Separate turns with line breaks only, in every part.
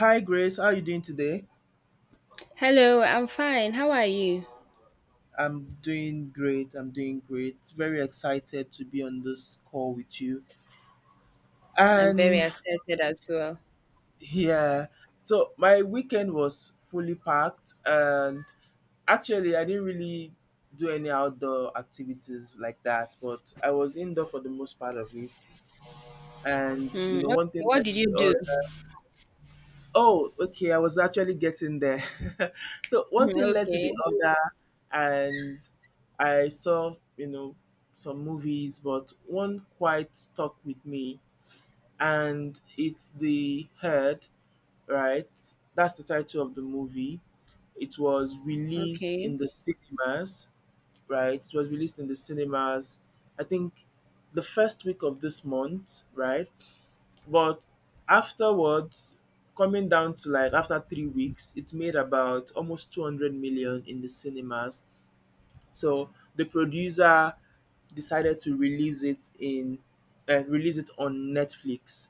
Hi Grace, how are you doing today?
Hello, I'm fine. How are you?
I'm doing great. I'm doing great. Very excited to be on this call with you.
I'm very
And
excited as well.
yeah, so my weekend was fully packed and actually I didn't really do any outdoor activities like that, but I was indoor for the most part of it. And
Okay,
one thing
what did you do?
that Oh, okay. I was actually getting there. So one
Hmm,
thing led to
okay,
the other, and I saw, some movies, but one quite stuck with me, and it's The Herd, right? That's the title of the movie. It was released
okay.
in the cinemas, right? It was released in the cinemas, I think the first week of this month, right? But afterwards, coming down to like after 3 weeks, it made about almost 200 million in the cinemas. So the producer decided to release it on Netflix,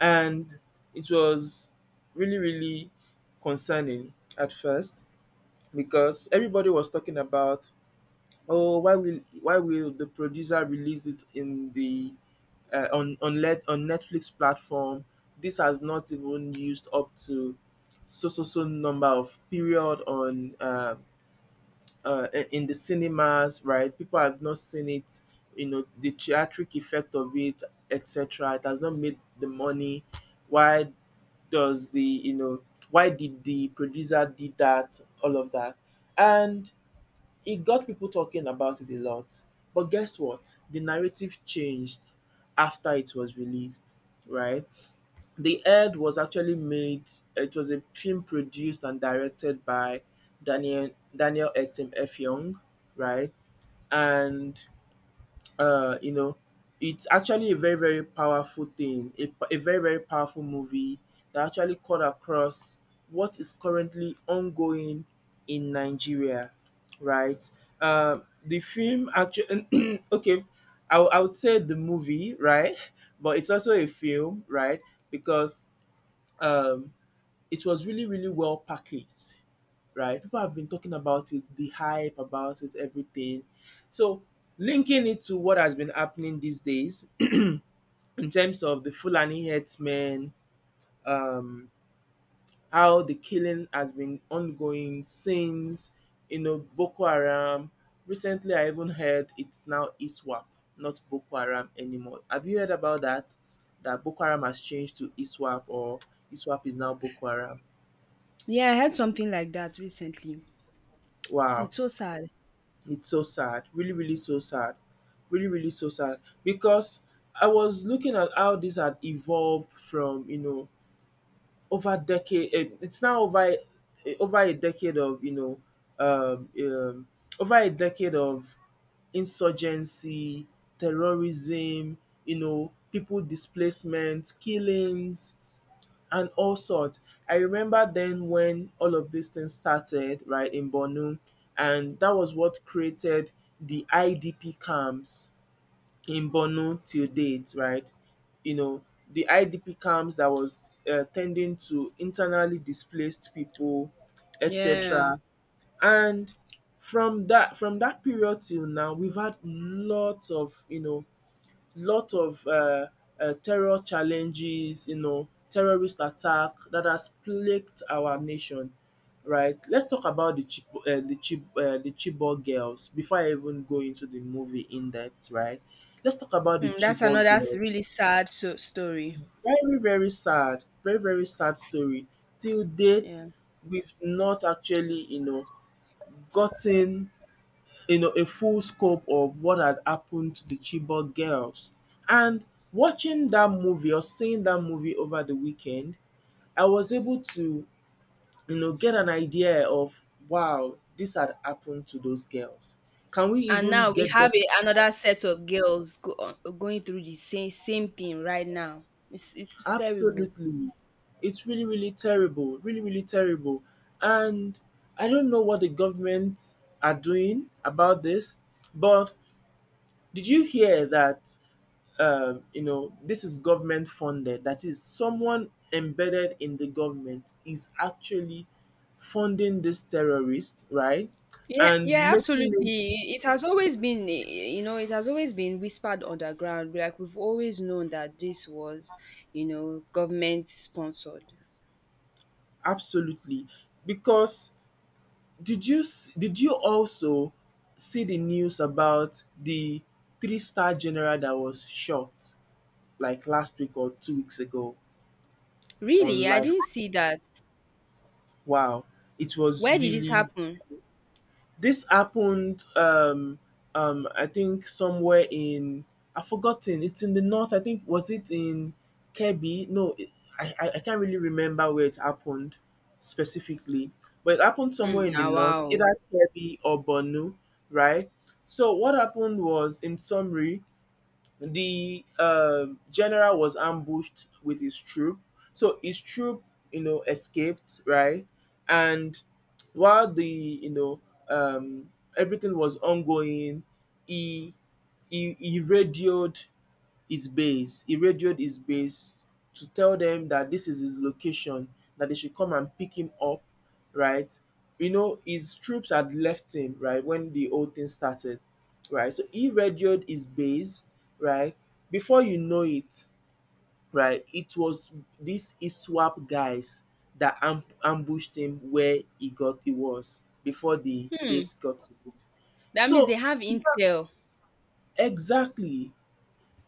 and it was really really concerning at first because everybody was talking about, Oh, why will the producer release it in the on Netflix platform? This has not even used up to so number of period on in the cinemas, right? People have not seen it. You know the theatric effect of it, etc. It has not made the money. Why does the why did the producer did that? All of that, and it got people talking about it a lot. But guess what? The narrative changed after it was released, right? The Ed was actually made, it was a film produced and directed by Daniel Etim F. Young, right? And you know, it's actually a very, very powerful thing, a very, very powerful movie that actually cut across what is currently ongoing in Nigeria, right? The film actually, okay, I would say the movie, right? But it's also a film, right? Because um, it was really, really well packaged, right? People have been talking about it, the hype about it, everything. So, linking it to what has been happening these days in terms of the Fulani herdsmen, um, how the killing has been ongoing since, you know, Boko Haram. Recently, I even heard it's now ISWAP, not Boko Haram anymore. Have you heard about that? That Boko Haram has changed to ISWAP or ISWAP is now Boko Haram.
Yeah, I heard something like that recently.
Wow.
It's so sad.
It's so sad, really, really so sad, really, really so sad because I was looking at how this had evolved from over decade. It's now over a decade of um, um, over a decade of insurgency, terrorism, you know, people displacement, killings, and all sorts. I remember then when all of these things started, right, in Borno, and that was what created the IDP camps in Borno till date, right? You know, the IDP camps that was tending to internally displaced people,
Yeah.
etc. And from that period till now, we've had lots of lot of terror challenges, you know, terrorist attack that has plagued our nation, right? Let's talk about the Chibok girls before I even go into the movie in depth, right? Let's talk about the
That's
Chibok girls.
really sad story.
Very very sad story. Till date,
Yeah.
we've not actually, you know, gotten a full scope of what had happened to the Chibok girls. And watching that movie or seeing that movie over the weekend, I was able to, you know, get an idea of wow, this had happened to those girls. Can we
And
even
now we
get them?
have another set of girls going through the same thing right now. It's terrible.
Absolutely. It's really, really terrible. Really, really terrible. And I don't know what the government are doing about this, but did you hear that you know, this is government funded. That is, someone embedded in the government is actually funding this terrorist, right?
Yeah,
And
yeah,
making it
absolutely. It has always been, you know, it has always been whispered underground. Like we've always known that you know, government sponsored.
absolutely because did you also see the news about the three-star general that was shot like last week or 2 weeks ago on
Really, I
life?
didn't see that.
Wow, it was
Where did this
really
happen?
This happened, I think somewhere in I've forgotten. It's in the north. I think was it in Kebbi? No, it, I can't really remember where it happened specifically, but it happened
Hmm.
somewhere in the north, either
Wow.
Kebbi or Borno, right? So what happened was, in summary, the general was ambushed with his troop. So his troop, you know, escaped, right? And while um, everything was ongoing, he he radioed his base. He radioed his base to tell them that this is his location, that they should come and pick him up, right? You know, his troops had left him, right, when the whole thing started, right? So he radioed his base, right? Before you know it, right, it was these ISWAP guys that ambushed him where he was before the
Hmm.
base got to him.
That means they
So
have intel.
exactly.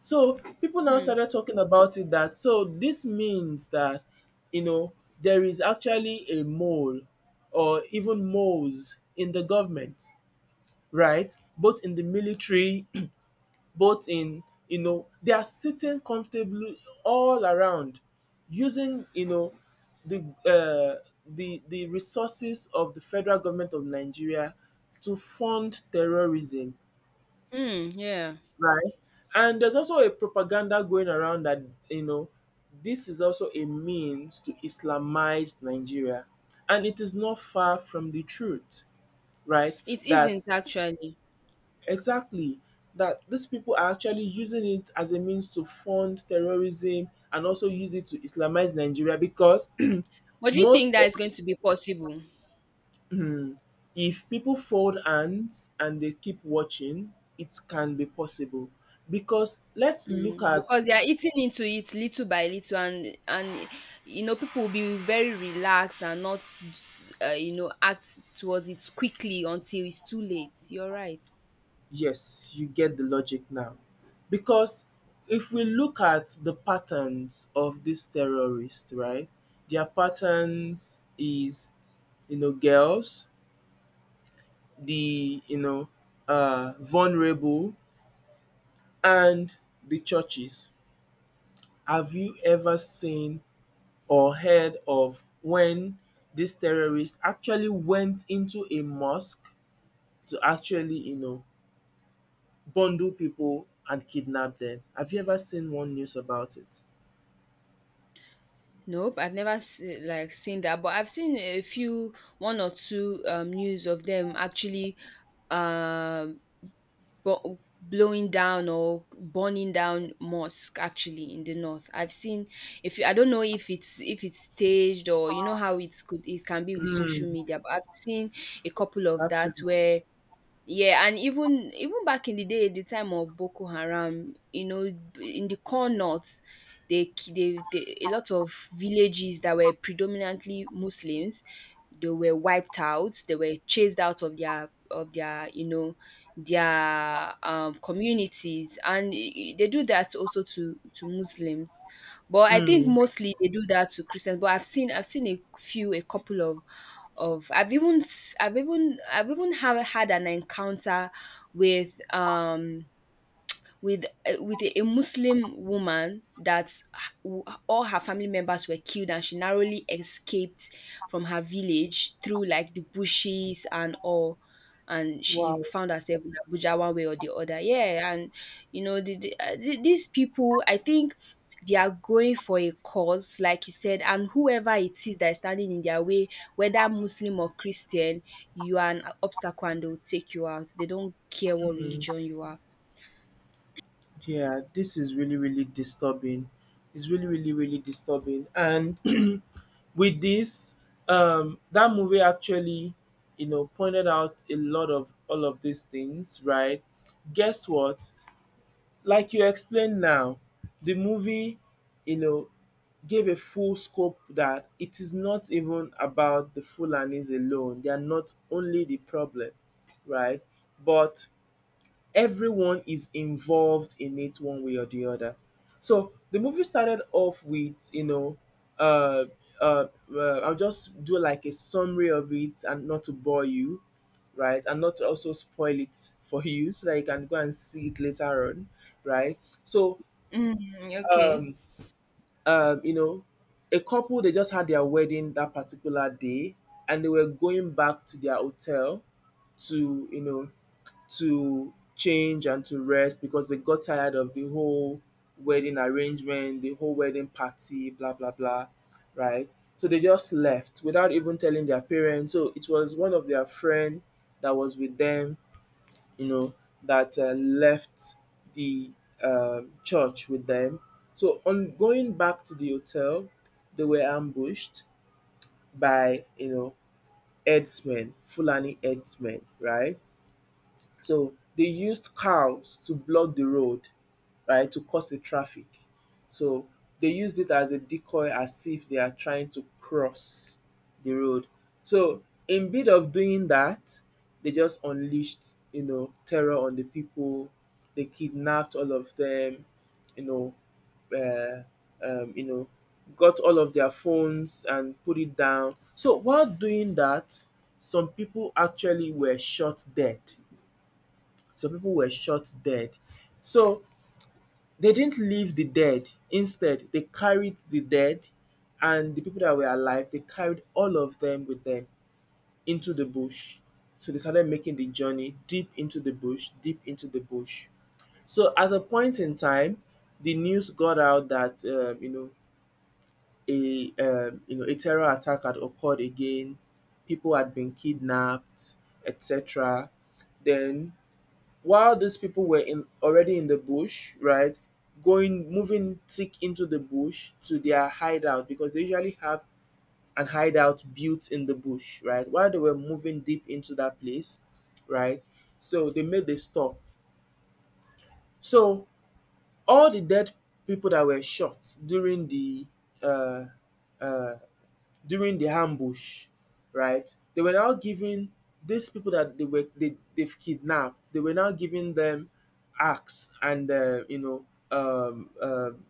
So people now
Hmm.
started talking about it that so this means that you know there is actually a mole or even moles in the government, right? Both in the military, both in, they are sitting comfortably all around using the resources of the federal government of Nigeria to fund terrorism.
Hmm. Yeah.
Right. And there's also a propaganda going around that, you know, this is also a means to Islamize Nigeria. And it is not far from the truth, right?
It
That
isn't actually.
exactly that these people are actually using it as a means to fund terrorism and also use it to Islamize Nigeria because
But do you
most
think that is
of
going to be possible?
if people fold hands and they keep watching, it can be possible. Because let's look
Mm,
at
because they are eating into it little by little and you know people will be very relaxed and not you know act towards it quickly until it's too late, you're right.
Yes, you get the logic now. Because if we look at the patterns of these terrorists, right? Their patterns is, you know, girls, you know, vulnerable, and the churches. Have you ever seen or heard of when this terrorist actually went into a mosque to actually, you know, bundle people and kidnap them. Have you ever seen one news about it?
Nope, I've never se- like seen that, but I've seen a few one or two news of them actually um blowing down or burning down mosque actually in the north. I've seen, if I don't know if it's staged or you know how it's could it can be with
Mm,
social media, but I've seen a couple of that
absolutely.
where yeah. And even even back in the day, the time of Boko Haram, you know, in the core north, they a lot of villages that were predominantly Muslims, they were wiped out. They were chased out of their you know their communities, and they do that also to Muslims. But I think
Mm.
mostly they do that to Christians. But I've seen, I've seen a few, a couple of I've even s- I've even have had an encounter with um with a Muslim woman that all her family members were killed, and she narrowly escaped from her village through like the bushes and all. And she
Wow.
found herself in Abuja one way or the other. Yeah, and you know these people, I think they are going for a cause, like you said, and whoever it is that is standing in their way, whether Muslim or Christian, you are an obstacle and they will take you out. They don't care what
Mm.
religion you are.
Yeah, this is really, really disturbing. It's really, really, really disturbing. And with this, that movie actually, you know, pointed out a lot of all of these things, right? Guess what? Like you explained now, the movie, you know, gave a full scope that it is not even about the Fulanis alone. They are not only the problem, right? But everyone is involved in it one way or the other. So the movie started off with, you know, uh, uh, I'll just do like a summary of it and not to bore you, right? And not to also spoil it for you so that you can go and see it later on, right? So
Mm, okay.
um, you know, a couple they just had their wedding that particular day, and they were going back to their hotel to you know to change and to rest because they got tired of the whole wedding arrangement, the whole wedding party, blah blah blah, right? So they just left without even telling their parents. So it was one of their friend that was with them, you know, that left the church with them. So on going back to the hotel, they were ambushed by, herdsmen, Fulani herdsmen, right? So they used cows to block the road, right, to cause a traffic. So they used it as a decoy as if they are trying to cross the road. So in bit of doing that, they just unleashed, you know, terror on the people. They kidnapped all of them, you know, uh, um, you know, got all of their phones and put it down. So while doing that, some people actually were shot dead. Some people were shot dead. So they didn't leave the dead. Instead, they carried the dead and the people that were alive, they carried all of them with them into the bush. So they started making the journey deep into the bush, deep into the bush. So at a point in time, the news got out that a a terror attack had occurred again, people had been kidnapped, etc. Then while these people were in already in the bush, right? Going moving thick into the bush to their hideout because they usually have an hideout built in the bush, right? While they were moving deep into that place, right? So they made the stop. So all the dead people that were shot uh, uh, during the ambush, right? They were now giving these people that they've kidnapped. They were now giving them axe and um, um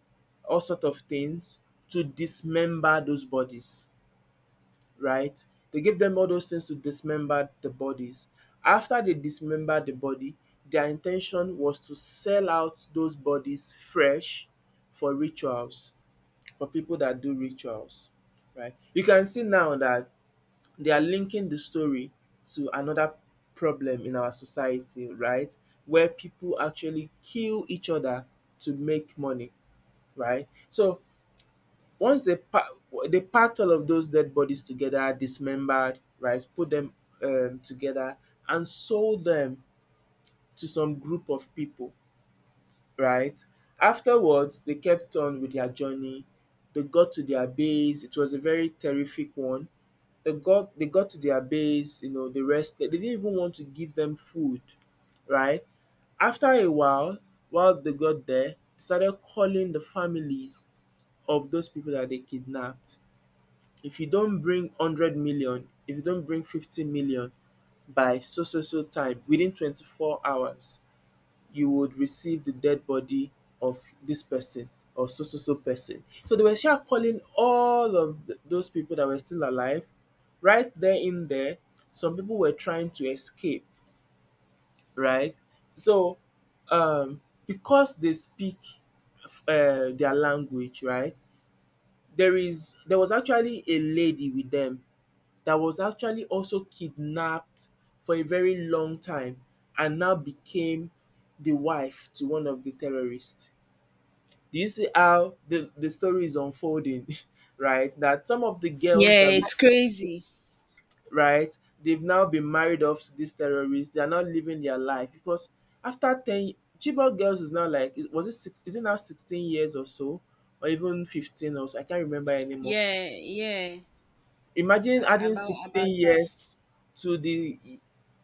all sort of things to dismember those bodies, right? They gave them all those things to dismember the bodies. After they dismembered the body, their intention was to sell out those bodies fresh for rituals for people that do rituals, right? You can see now that they are linking the story to another problem in our society, right? Where people actually kill each other to make money, right? So once they pa- they packed all of those dead bodies together, dismembered, right? Put them together and sold them to some group of people, right? Afterwards, they kept on with their journey. They got to their base. It was a very terrific one. They got to their base, you know, they rested. They didn't even want to give them food, right? After a while they got there, they started calling the families of those people that they kidnapped. If you don't bring 100 million, if you don't bring 50 million by so so so time within 24 hours, you would receive the dead body of this person or so so so person. So they were sure calling all of those people that were still alive. Right there in there, some people were trying to escape, right? So um because they speak their language, right? There was actually a lady with them that was actually also kidnapped for a very long time and now became the wife to one of the terrorists. Do you see how the story is unfolding? Right? That some of the girls
Yeah,
that,
it's crazy.
right, they've now been married off to these terrorists. They are not living their life because after 10, Chibok girls is now like, was it six, is it now 16 years or so? Or even 15 or so? I can't remember anymore.
Yeah, yeah.
Imagine
Uh,
adding
about about
16
that.
years to the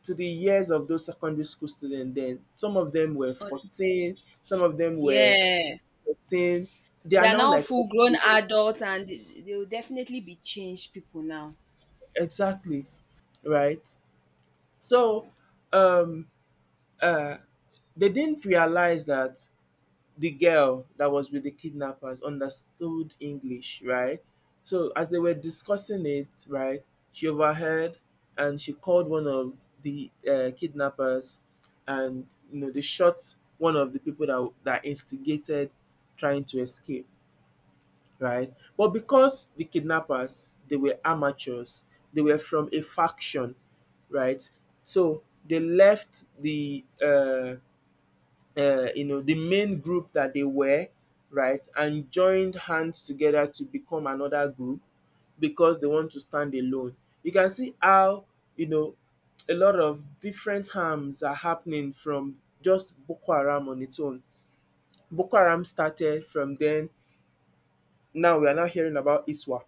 to the years of those secondary school students then. Some of them were
On,
14, some of them were
yeah.
13. They
They
are
are
now
now
like
full
30
grown
years.
adults and they will definitely be changed people now.
Exactly, right? So, um, uh, they didn't realize that the girl that was with the kidnappers understood English, right? So as they were discussing it, right, she overheard and she called one of the kidnappers, and you know they shot one of the people that instigated trying to escape, right? But because the kidnappers they were amateurs, they were from a faction, right? So they left the you know the main group that they were, right, and joined hands together to become another group because they want to stand alone. You can see how, you know, a lot of different harms are happening from just boko haram on its own. Boko haram started from then. Now we are now hearing about iswap,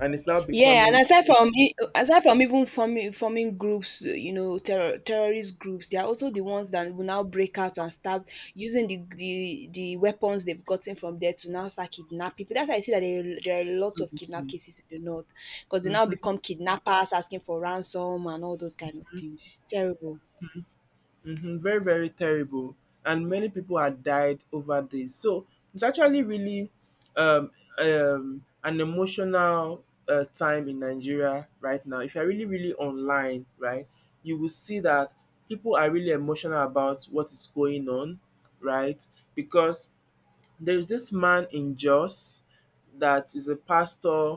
and it's now
Yeah,
becoming
and aside from aside from even forming groups, you know, terrorist groups, they are also the ones that will now break out and start using the weapons they've gotten from there to now start kidnapping people. That's why I see that there are a lot
so.
of kidnap cases in the north because they now become kidnappers, asking for ransom and all those kind of things. It's terrible.
Mhm, very, very terrible. And many people had died over this. So it's actually really um, an emotional time in Nigeria right now. If you're really, really online, right, you will see that people are really emotional about what is going on, right? Because there's this man in Jos that is a pastor.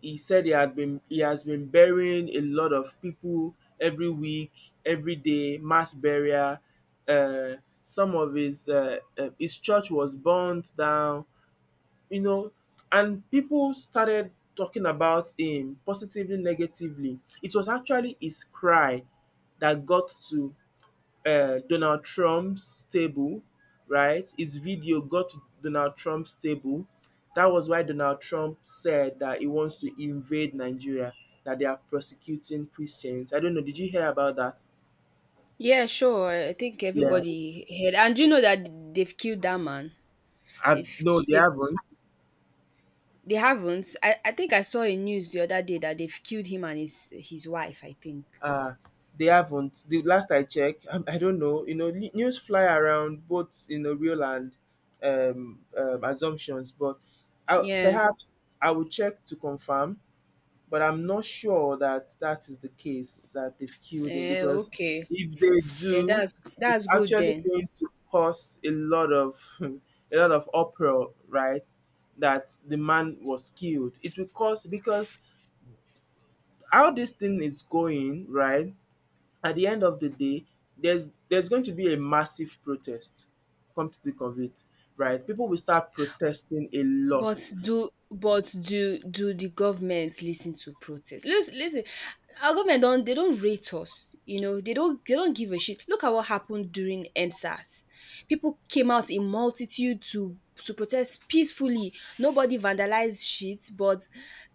He said he had been he has been burying a lot of people every week, every day, mass burial. Uh, some of his church was burnt down, you know, and people started talking about him positively, negatively. It was actually his cry that got to Donald Trump's stable, right? His video got to Donald Trump's stable. That was why Donald Trump said that he wants to invade Nigeria, that they are prosecuting Christians. I don't know. Did you hear about that?
Yeah, sure. I think
Yeah,
everybody heard, and you know that they've killed that man.
I've
If
no, they
they've,
haven't.
they haven't. I think I saw a news the other day that they've killed him and his wife, I think.
Uh, they haven't. The last I checked, I don't know. You know, news fly around, both you know real and assumptions, but I,
Yeah.
perhaps I will check to confirm. But I'm not sure that that is the case that they've killed him
Eh,
because
okay.
if they
Then
do,
that's
it's
that's good
actually
then.
going to cause a lot of a lot of uproar, right? That the man was killed. It will cause, because how this thing is going, right? At the end of the day, there's going to be a massive protest. Come to think of it, right? People will start protesting a
But
lot.
do the government listen to protest? Listen, lis ten, our government don dey don rate us, you know they don't, they don't give a shit. Look at what happened during Endsars. People came out in multitude to protest peacefully. Nobody vandalized shit, but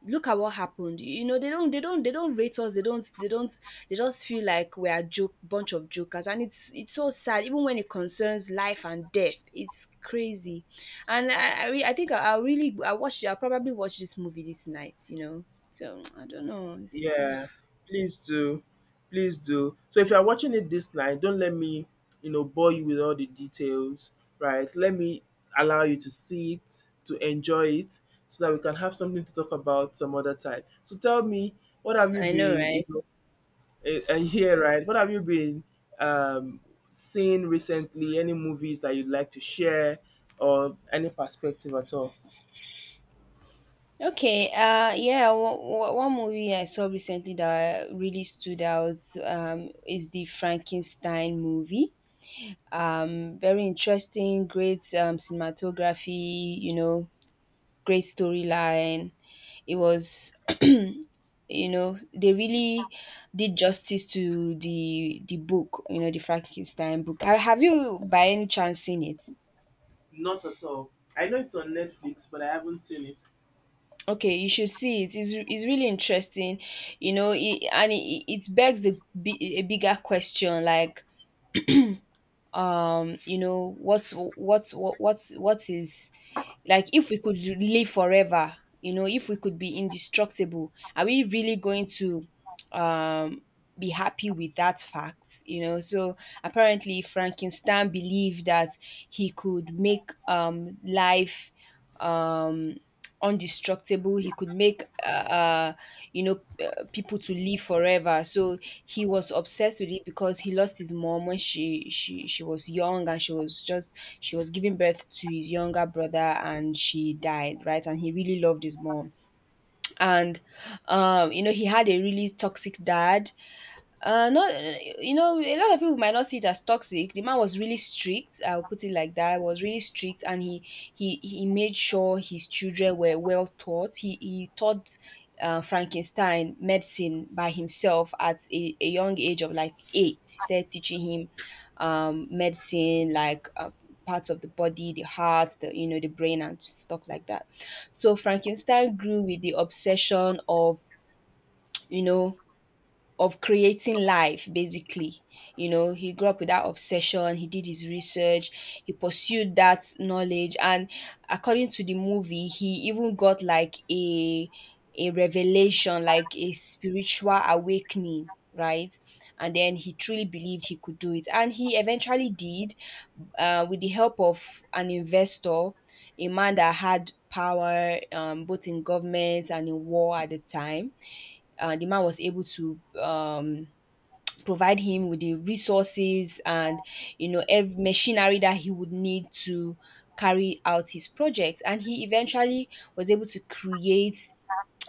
look at what happened. You know they don't they don't rate us. They don't they just feel like we are joke bunch of jokers, and it's so sad, even when it concerns life and death. It's crazy. And I, re- I think I really I watch I'll probably watch this movie this night, you know. So I don't know. It's,
Yeah, please do. Please do. So if you're watching it this night, don't let me, you know, bore you with all the details, right? Let me allow you to see it, to enjoy it, so that we can have something to talk about some other time. So tell me, what have you
I know,
been, you
right?
know, here, right? What have you been um, seeing recently? Any movies that you'd like to share or any perspective at all?
Okay. Yeah. One movie I saw recently that really stood out is the Frankenstein movie. Very interesting, great cinematography. You know, great storyline. It was, you know, they really did justice to the book, you know, the Frankenstein book. Have you by any chance seen it?
Not at all. I know it's on Netflix, but I haven't seen it.
Okay, you should see it. It's really interesting, you know, and it begs a bigger question like you know what is like, if we could live forever, you know, if we could be indestructible, are we really going to um be happy with that fact, you know? So apparently Frankenstein believed that he could make life um undestructible. He could make you know people to live forever. So he was obsessed with it because he lost his mom when she was young. And she was just she was giving birth to his younger brother and she died, right? And he really loved his mom. And you know he had a really toxic dad. No, you know, a lot of people might not see it as toxic. The man was really strict. I'll put it like that. Was really strict. And he made sure his children were well taught. He taught Frankenstein medicine by himself at a young age of like eight. He started teaching him medicine, like parts of the body, the heart, the you know, the brain, and stuff like that. So Frankenstein grew with the obsession of, you know, of creating life basically. You know, he grew up with that obsession. He did his research, he pursued that knowledge. And according to the movie, he even got like a revelation, like a spiritual awakening, right? And then he truly believed he could do it, and he eventually did, with the help of an investor, a man that had power both in government and in war at the time. The man was able to provide him with the resources and you know every machinery that he would need to carry out his project. And he eventually was able to create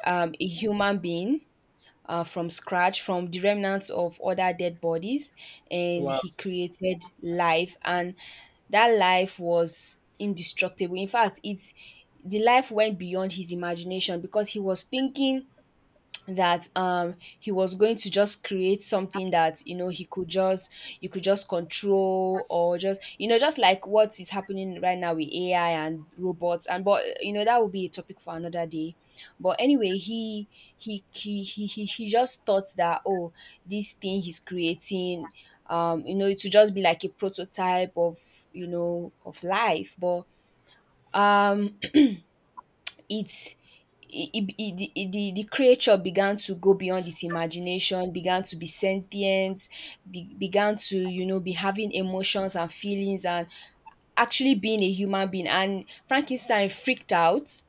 a human being, from scratch, from the remnants of other dead bodies. And
Wow.
he created life, and that life was indestructible. In fact, it's the life went beyond his imagination, because he was thinking that he was going to just create something that, you know, he could just you could just control, or just, you know, just like what is happening right now with AI and robots. And but you know that would be a topic for another day. But anyway, he just thought that, oh, this thing he's creating, you know, it would just be like a prototype of, you know, of life. But um it it the creature began to go beyond its imagination, began to be sentient, began to, you know, be having emotions and feelings and actually being a human being. And Frankenstein freaked out.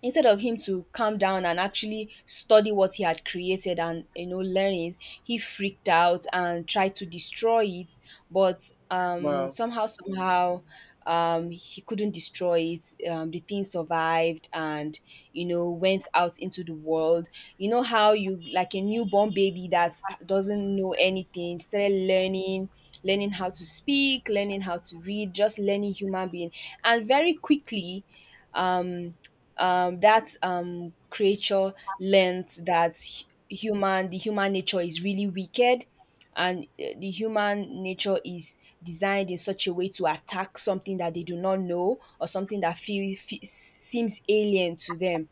Instead of him to calm down and actually study what he had created and, you know, learn it, he freaked out and tried to destroy it. But
Wow.
somehow he couldn't destroy it. The thing survived and, you know, went out into the world. You know how you, like a newborn baby that doesn't know anything, started learning, learning how to speak, learning how to read, just learning human being. And very quickly um that creature learned that human, the human nature is really wicked. And the human nature is designed in such a way to attack something that they do not know, or something that feel, fe seems alien to them.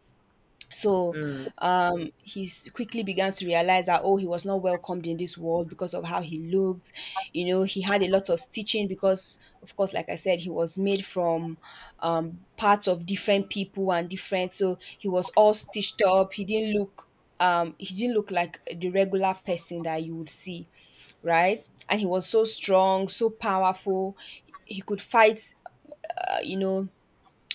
So
Mm,
he quickly began to realize that, oh, he was not welcomed in this world because of how he looked. You know, he had a lot of stitching because, of course, like I said, he was made from parts of different people and different. So he was all stitched up. He didn't look. He didn't look like the regular person that you would see, right? And he was so strong, so powerful. He could fight, uh, you know,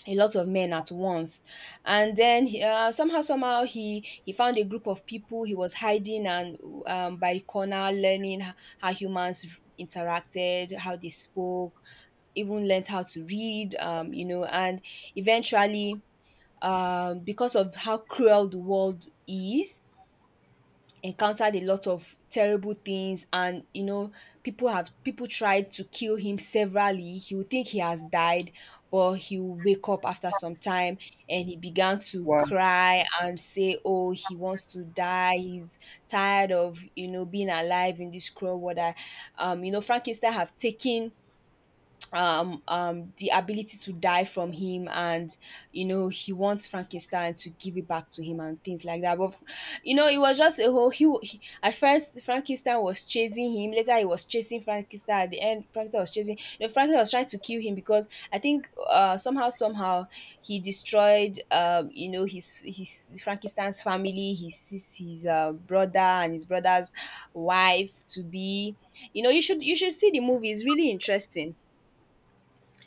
a lot of men at once and then he, somehow somehow he found a group of people. He was hiding and by the corner learning how humans interacted, how they spoke, even learned how to read and eventually, because of how cruel the world is, encountered a lot of terrible things. And you know, people tried to kill him severally. He would think he has died, but he will wake up after some time. And he began to
wow,
cry and say, oh, he wants to die. He's tired of, you know, being alive in this cruel world. You know, Frankenstein have taken um the ability to die from him, and you know, he wants Frankenstein to give it back to him and things like that. But you know, it was just a whole he. At first Frankenstein was chasing him, later he was chasing Frankenstein. At the end Frankenstein was chasing, you know, Frankenstein was trying to kill him because I think somehow he destroyed, his Frankenstein's family, his sis- his brother and his brother's wife to be. You know, you should, you should see the movie. It's really interesting.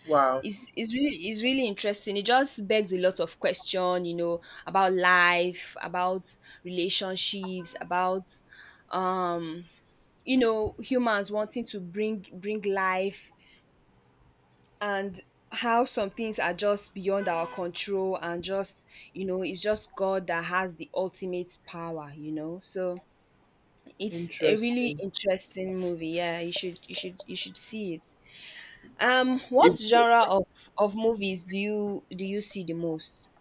wow,
It's really, it's really interesting. It just begs a lot of question, you know, about life, about relationships, about um, you know, humans wanting to bring life. And how some things are just beyond our control. And just, you know, it's just God that has the ultimate power, you know. So it's a really
interesting.
interesting movie. Yeah, you should see it. What
It,
genre of movies do you see the most?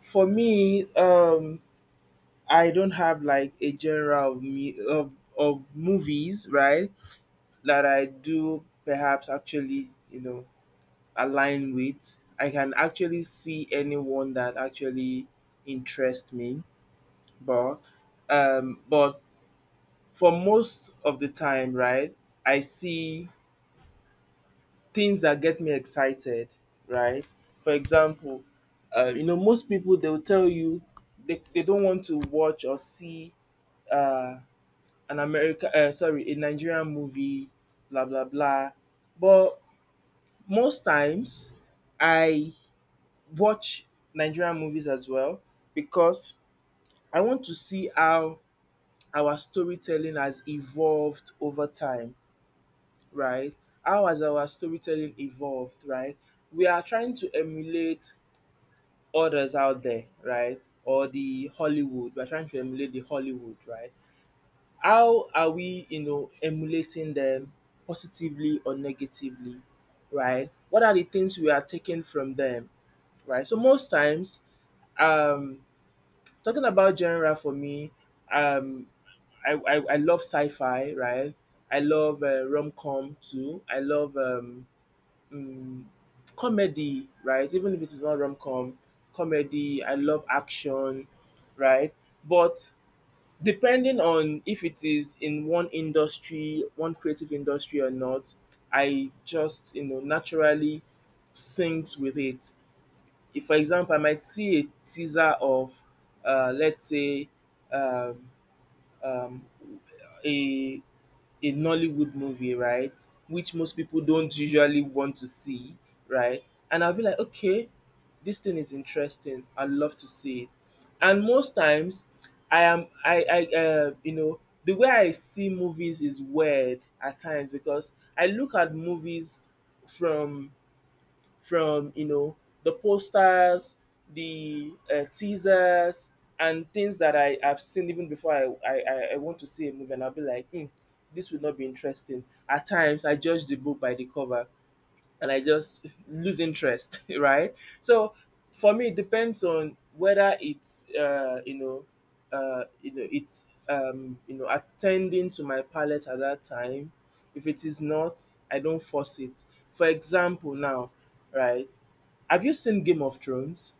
for me, I don't have like a genre of movies, right? That I do perhaps actually, you know, align with. I can actually see anyone that actually interests me, but but for most of the time, right, I see things that get me excited, right? For example, you know, most people they'll tell you they don't want to watch or see uh, an America, sorry, a Nigerian movie, blah blah blah. But most times, I watch Nigerian movies as well because I want to see how our storytelling has evolved over time, right? How has our storytelling evolved, right? We are trying to emulate others out there, right? Or the Hollywood. We're trying to emulate the Hollywood, right? How are we, you know, emulating them positively or negatively, right? What are the things we are taking from them, right? So most times, um, talking about genre for me, um, I love sci-fi, right? I love rom-com too. I love um, comedy, right? Even if it is not rom com, comedy. I love action, right? But depending on if it is in one industry, one creative industry or not, I just you know naturally syncs with it. If, for example, I might see a teaser of, let's say, um, um, a a Nollywood movie, right? Which most people don't usually want to see, right? And I'll be like, okay, this thing is interesting. I'd love to see it. And most times, I am, I, you know, the way I see movies is weird at times because I look at movies from from you know the posters, the teasers, and things that I have seen even before I want to see a movie, and I'll be like, hmm, this would not be interesting. At times, I judge the book by the cover, and I just lose interest, right? So for me, it depends on whether it's you know it's you know attending to my palate at that time. If it is not, I don't force it. For example, now, right? Have you seen Game of Thrones?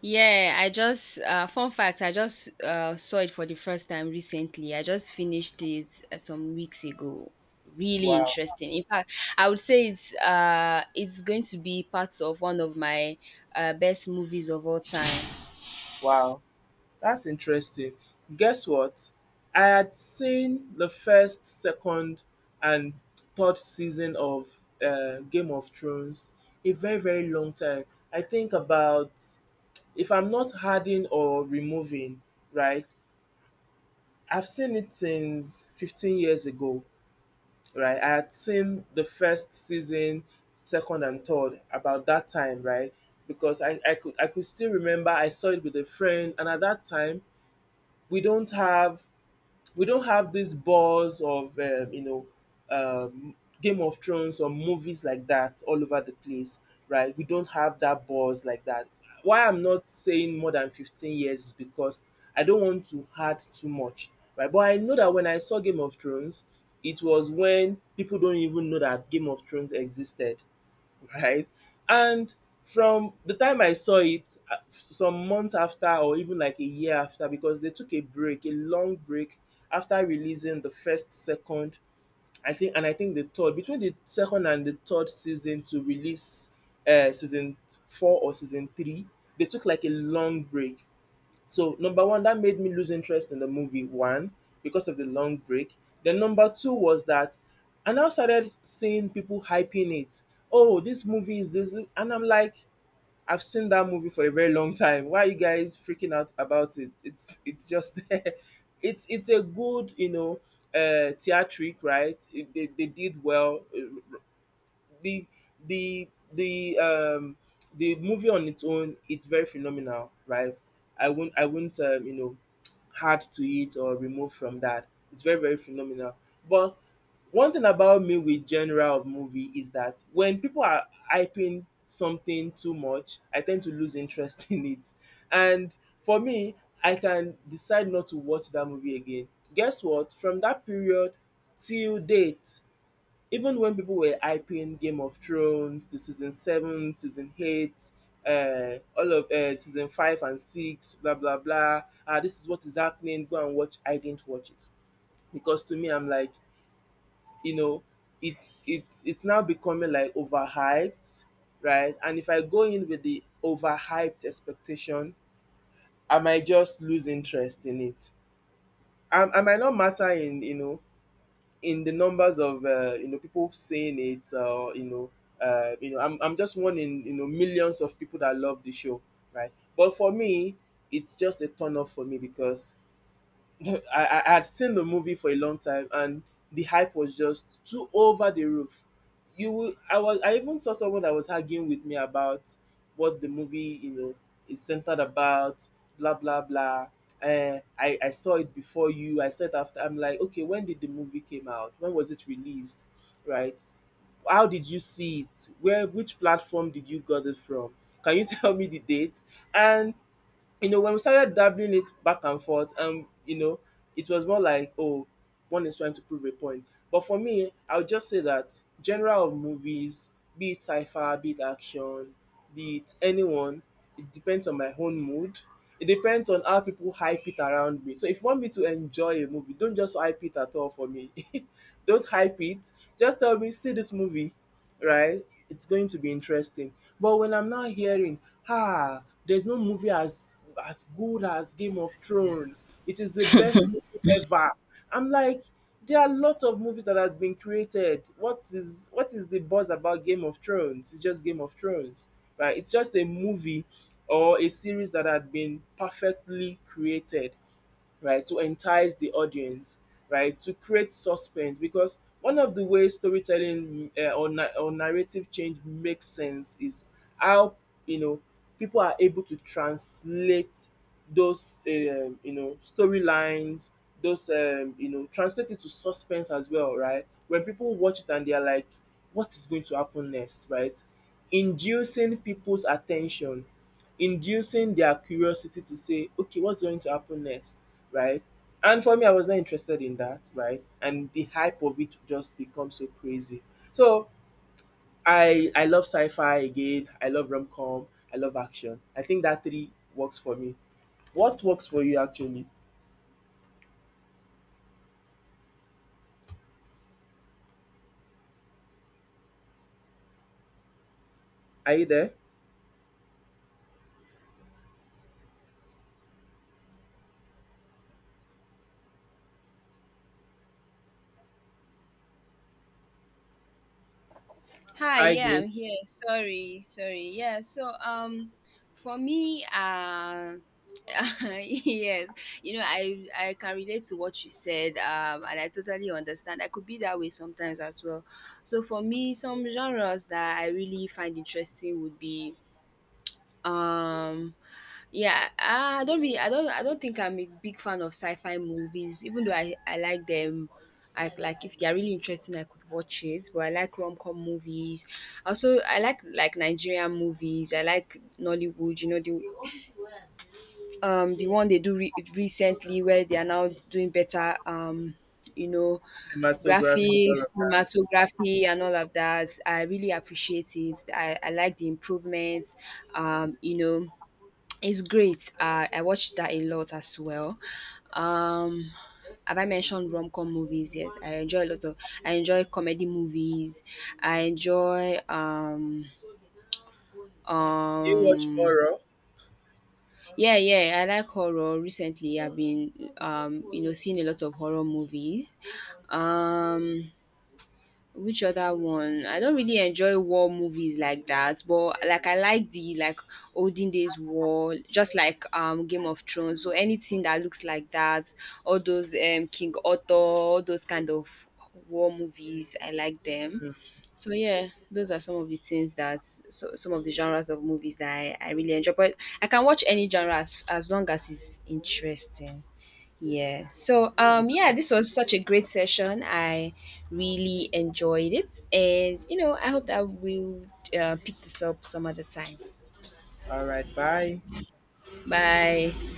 Yeah, I just fun fact. I just saw it for the first time recently. I just finished it some weeks ago. Really
Wow,
interesting. In fact, I would say it's going to be part of one of my best movies of all time.
wow, that's interesting. Guess what? I had seen the first, second, and third season of Game of Thrones a very, very long time. I think about if I'm not adding or removing, right? I've seen it since 15 years ago. Right? I had seen the first season, second and third about that time, right? Because I could still remember I saw it with a friend, and at that time we don't have we don't have this buzz of you know um, Game of Thrones or movies like that all over the place, right? We don't have that buzz like that. Why I'm not saying more than 15 years is because I don't want to add too much, right? But I know that when I saw Game of Thrones, it was when people don't even know that Game of Thrones existed, right? And from the time I saw it, some months after, or even like a year after, because they took a break, a long break after releasing the first, second, I think, and I think the third, between the second and the third season to release season four or season three, they took like a long break. So number one, that made me lose interest in the movie. One, because of the long break. Then number two was that I now started seeing people hyping it. Oh, this movie is this, and I'm like, I've seen that movie for a very long time. Why are you guys freaking out about it? It's just there. It's a good you know theatric right. They did well. The the the um the movie on its own, it's very phenomenal, right? I won't add to it or remove from that. It's very, very phenomenal. But one thing about me with genre of movie is that when people are hyping something too much, I tend to lose interest in it. And for me, I can decide not to watch that movie again. Guess what? From that period till date, even when people were hyping Game of Thrones, the season 7, season 8, all of season 5 and 6, blah blah blah. Ah, this is what is happening. Go and watch. I didn't watch it. Because to me, I'm like, you know, it's now becoming like overhyped, right? And if I go in with the overhyped expectation, I might just lose interest in it. I might not matter in in the numbers of people saying it, I'm just one in millions of people that love the show, right? But for me, it's just a turn off for me because I had seen the movie for a long time, and the hype was just too over the roof. You will, I even saw someone that was arguing with me about what the movie, is centered about, blah blah blah. I saw it before you, I saw it after. I'm like, okay, when did the movie came out? When was it released? Right? How did you see it? Where Which platform did you got it from? Can you tell me the date? And you know, when we started dabbling it back and forth, it was more like, oh, one is trying to prove a point. But for me, I would just say that general of movies, be it sci-fi, be it action, be it anyone, it depends on my own mood. It depends on how people hype it around me. So if you want me to enjoy a movie, don't just hype it at all for me. Don't hype it. Just tell me, see this movie, right? It's going to be interesting. But when I'm not hearing, ah, there's no movie as good as Game of Thrones. It is the best movie ever. I'm like, there are a lot of movies that have been created. What is the buzz about Game of Thrones? It's just Game of Thrones, right? It's just a movie or a series that had been perfectly created, right? To entice the audience, right? To create suspense, because one of the ways storytelling or narrative change makes sense is how, you know people are able to translate those storylines, those translate it to suspense as well, right? When people watch it and they are like, what is going to happen next, right? Inducing people's attention, inducing their curiosity to say, okay, what's going to happen next, right? And for me, I was not interested in that, right? And the hype of it just becomes so crazy. So I love sci-fi again. I love rom-com. I love action. I think that three works for me. What works for you actually? Are you there?
Hi,
I
yeah,
get
I'm here. Sorry, sorry. Yeah, so for me yes, you know, I can relate to what you said and I totally understand. I could be that way sometimes as well. So for me, some genres that I really find interesting would be um, yeah, I don't think I'm a big fan of sci-fi movies. Even though I like them, I like, if they are really interesting, I could watch it. But I like rom-com movies. Also, I like Nigerian movies. I like Nollywood. You know, the one they do recently where they are now doing better. You know,
cinematography, all of
graphics,
that.
cinematography, and all of that. I really appreciate it. I like the improvements. Um, you know. It's great. I watched that a lot as well. Um, have I mentioned rom com movies? Yes, I enjoy a lot of. I enjoy comedy movies. I enjoy
Do you watch
um
horror?
yeah, yeah. I like horror. Recently, I've been seeing a lot of horror movies. Um, Which other one? I don't really enjoy war movies like that, but like I like the, like olden days war, just like Game of Thrones. So anything that looks like that, all those King Arthur, all those kind of war movies, I like them. So yeah, those are some of the things that, so some of the genres of movies that I really enjoy. But I can watch any genre as long as it's interesting. Yeah. So yeah, this was such a great session. I really enjoyed it. And you know, I hope that we'll pick this up some other time.
All right, bye.
Bye.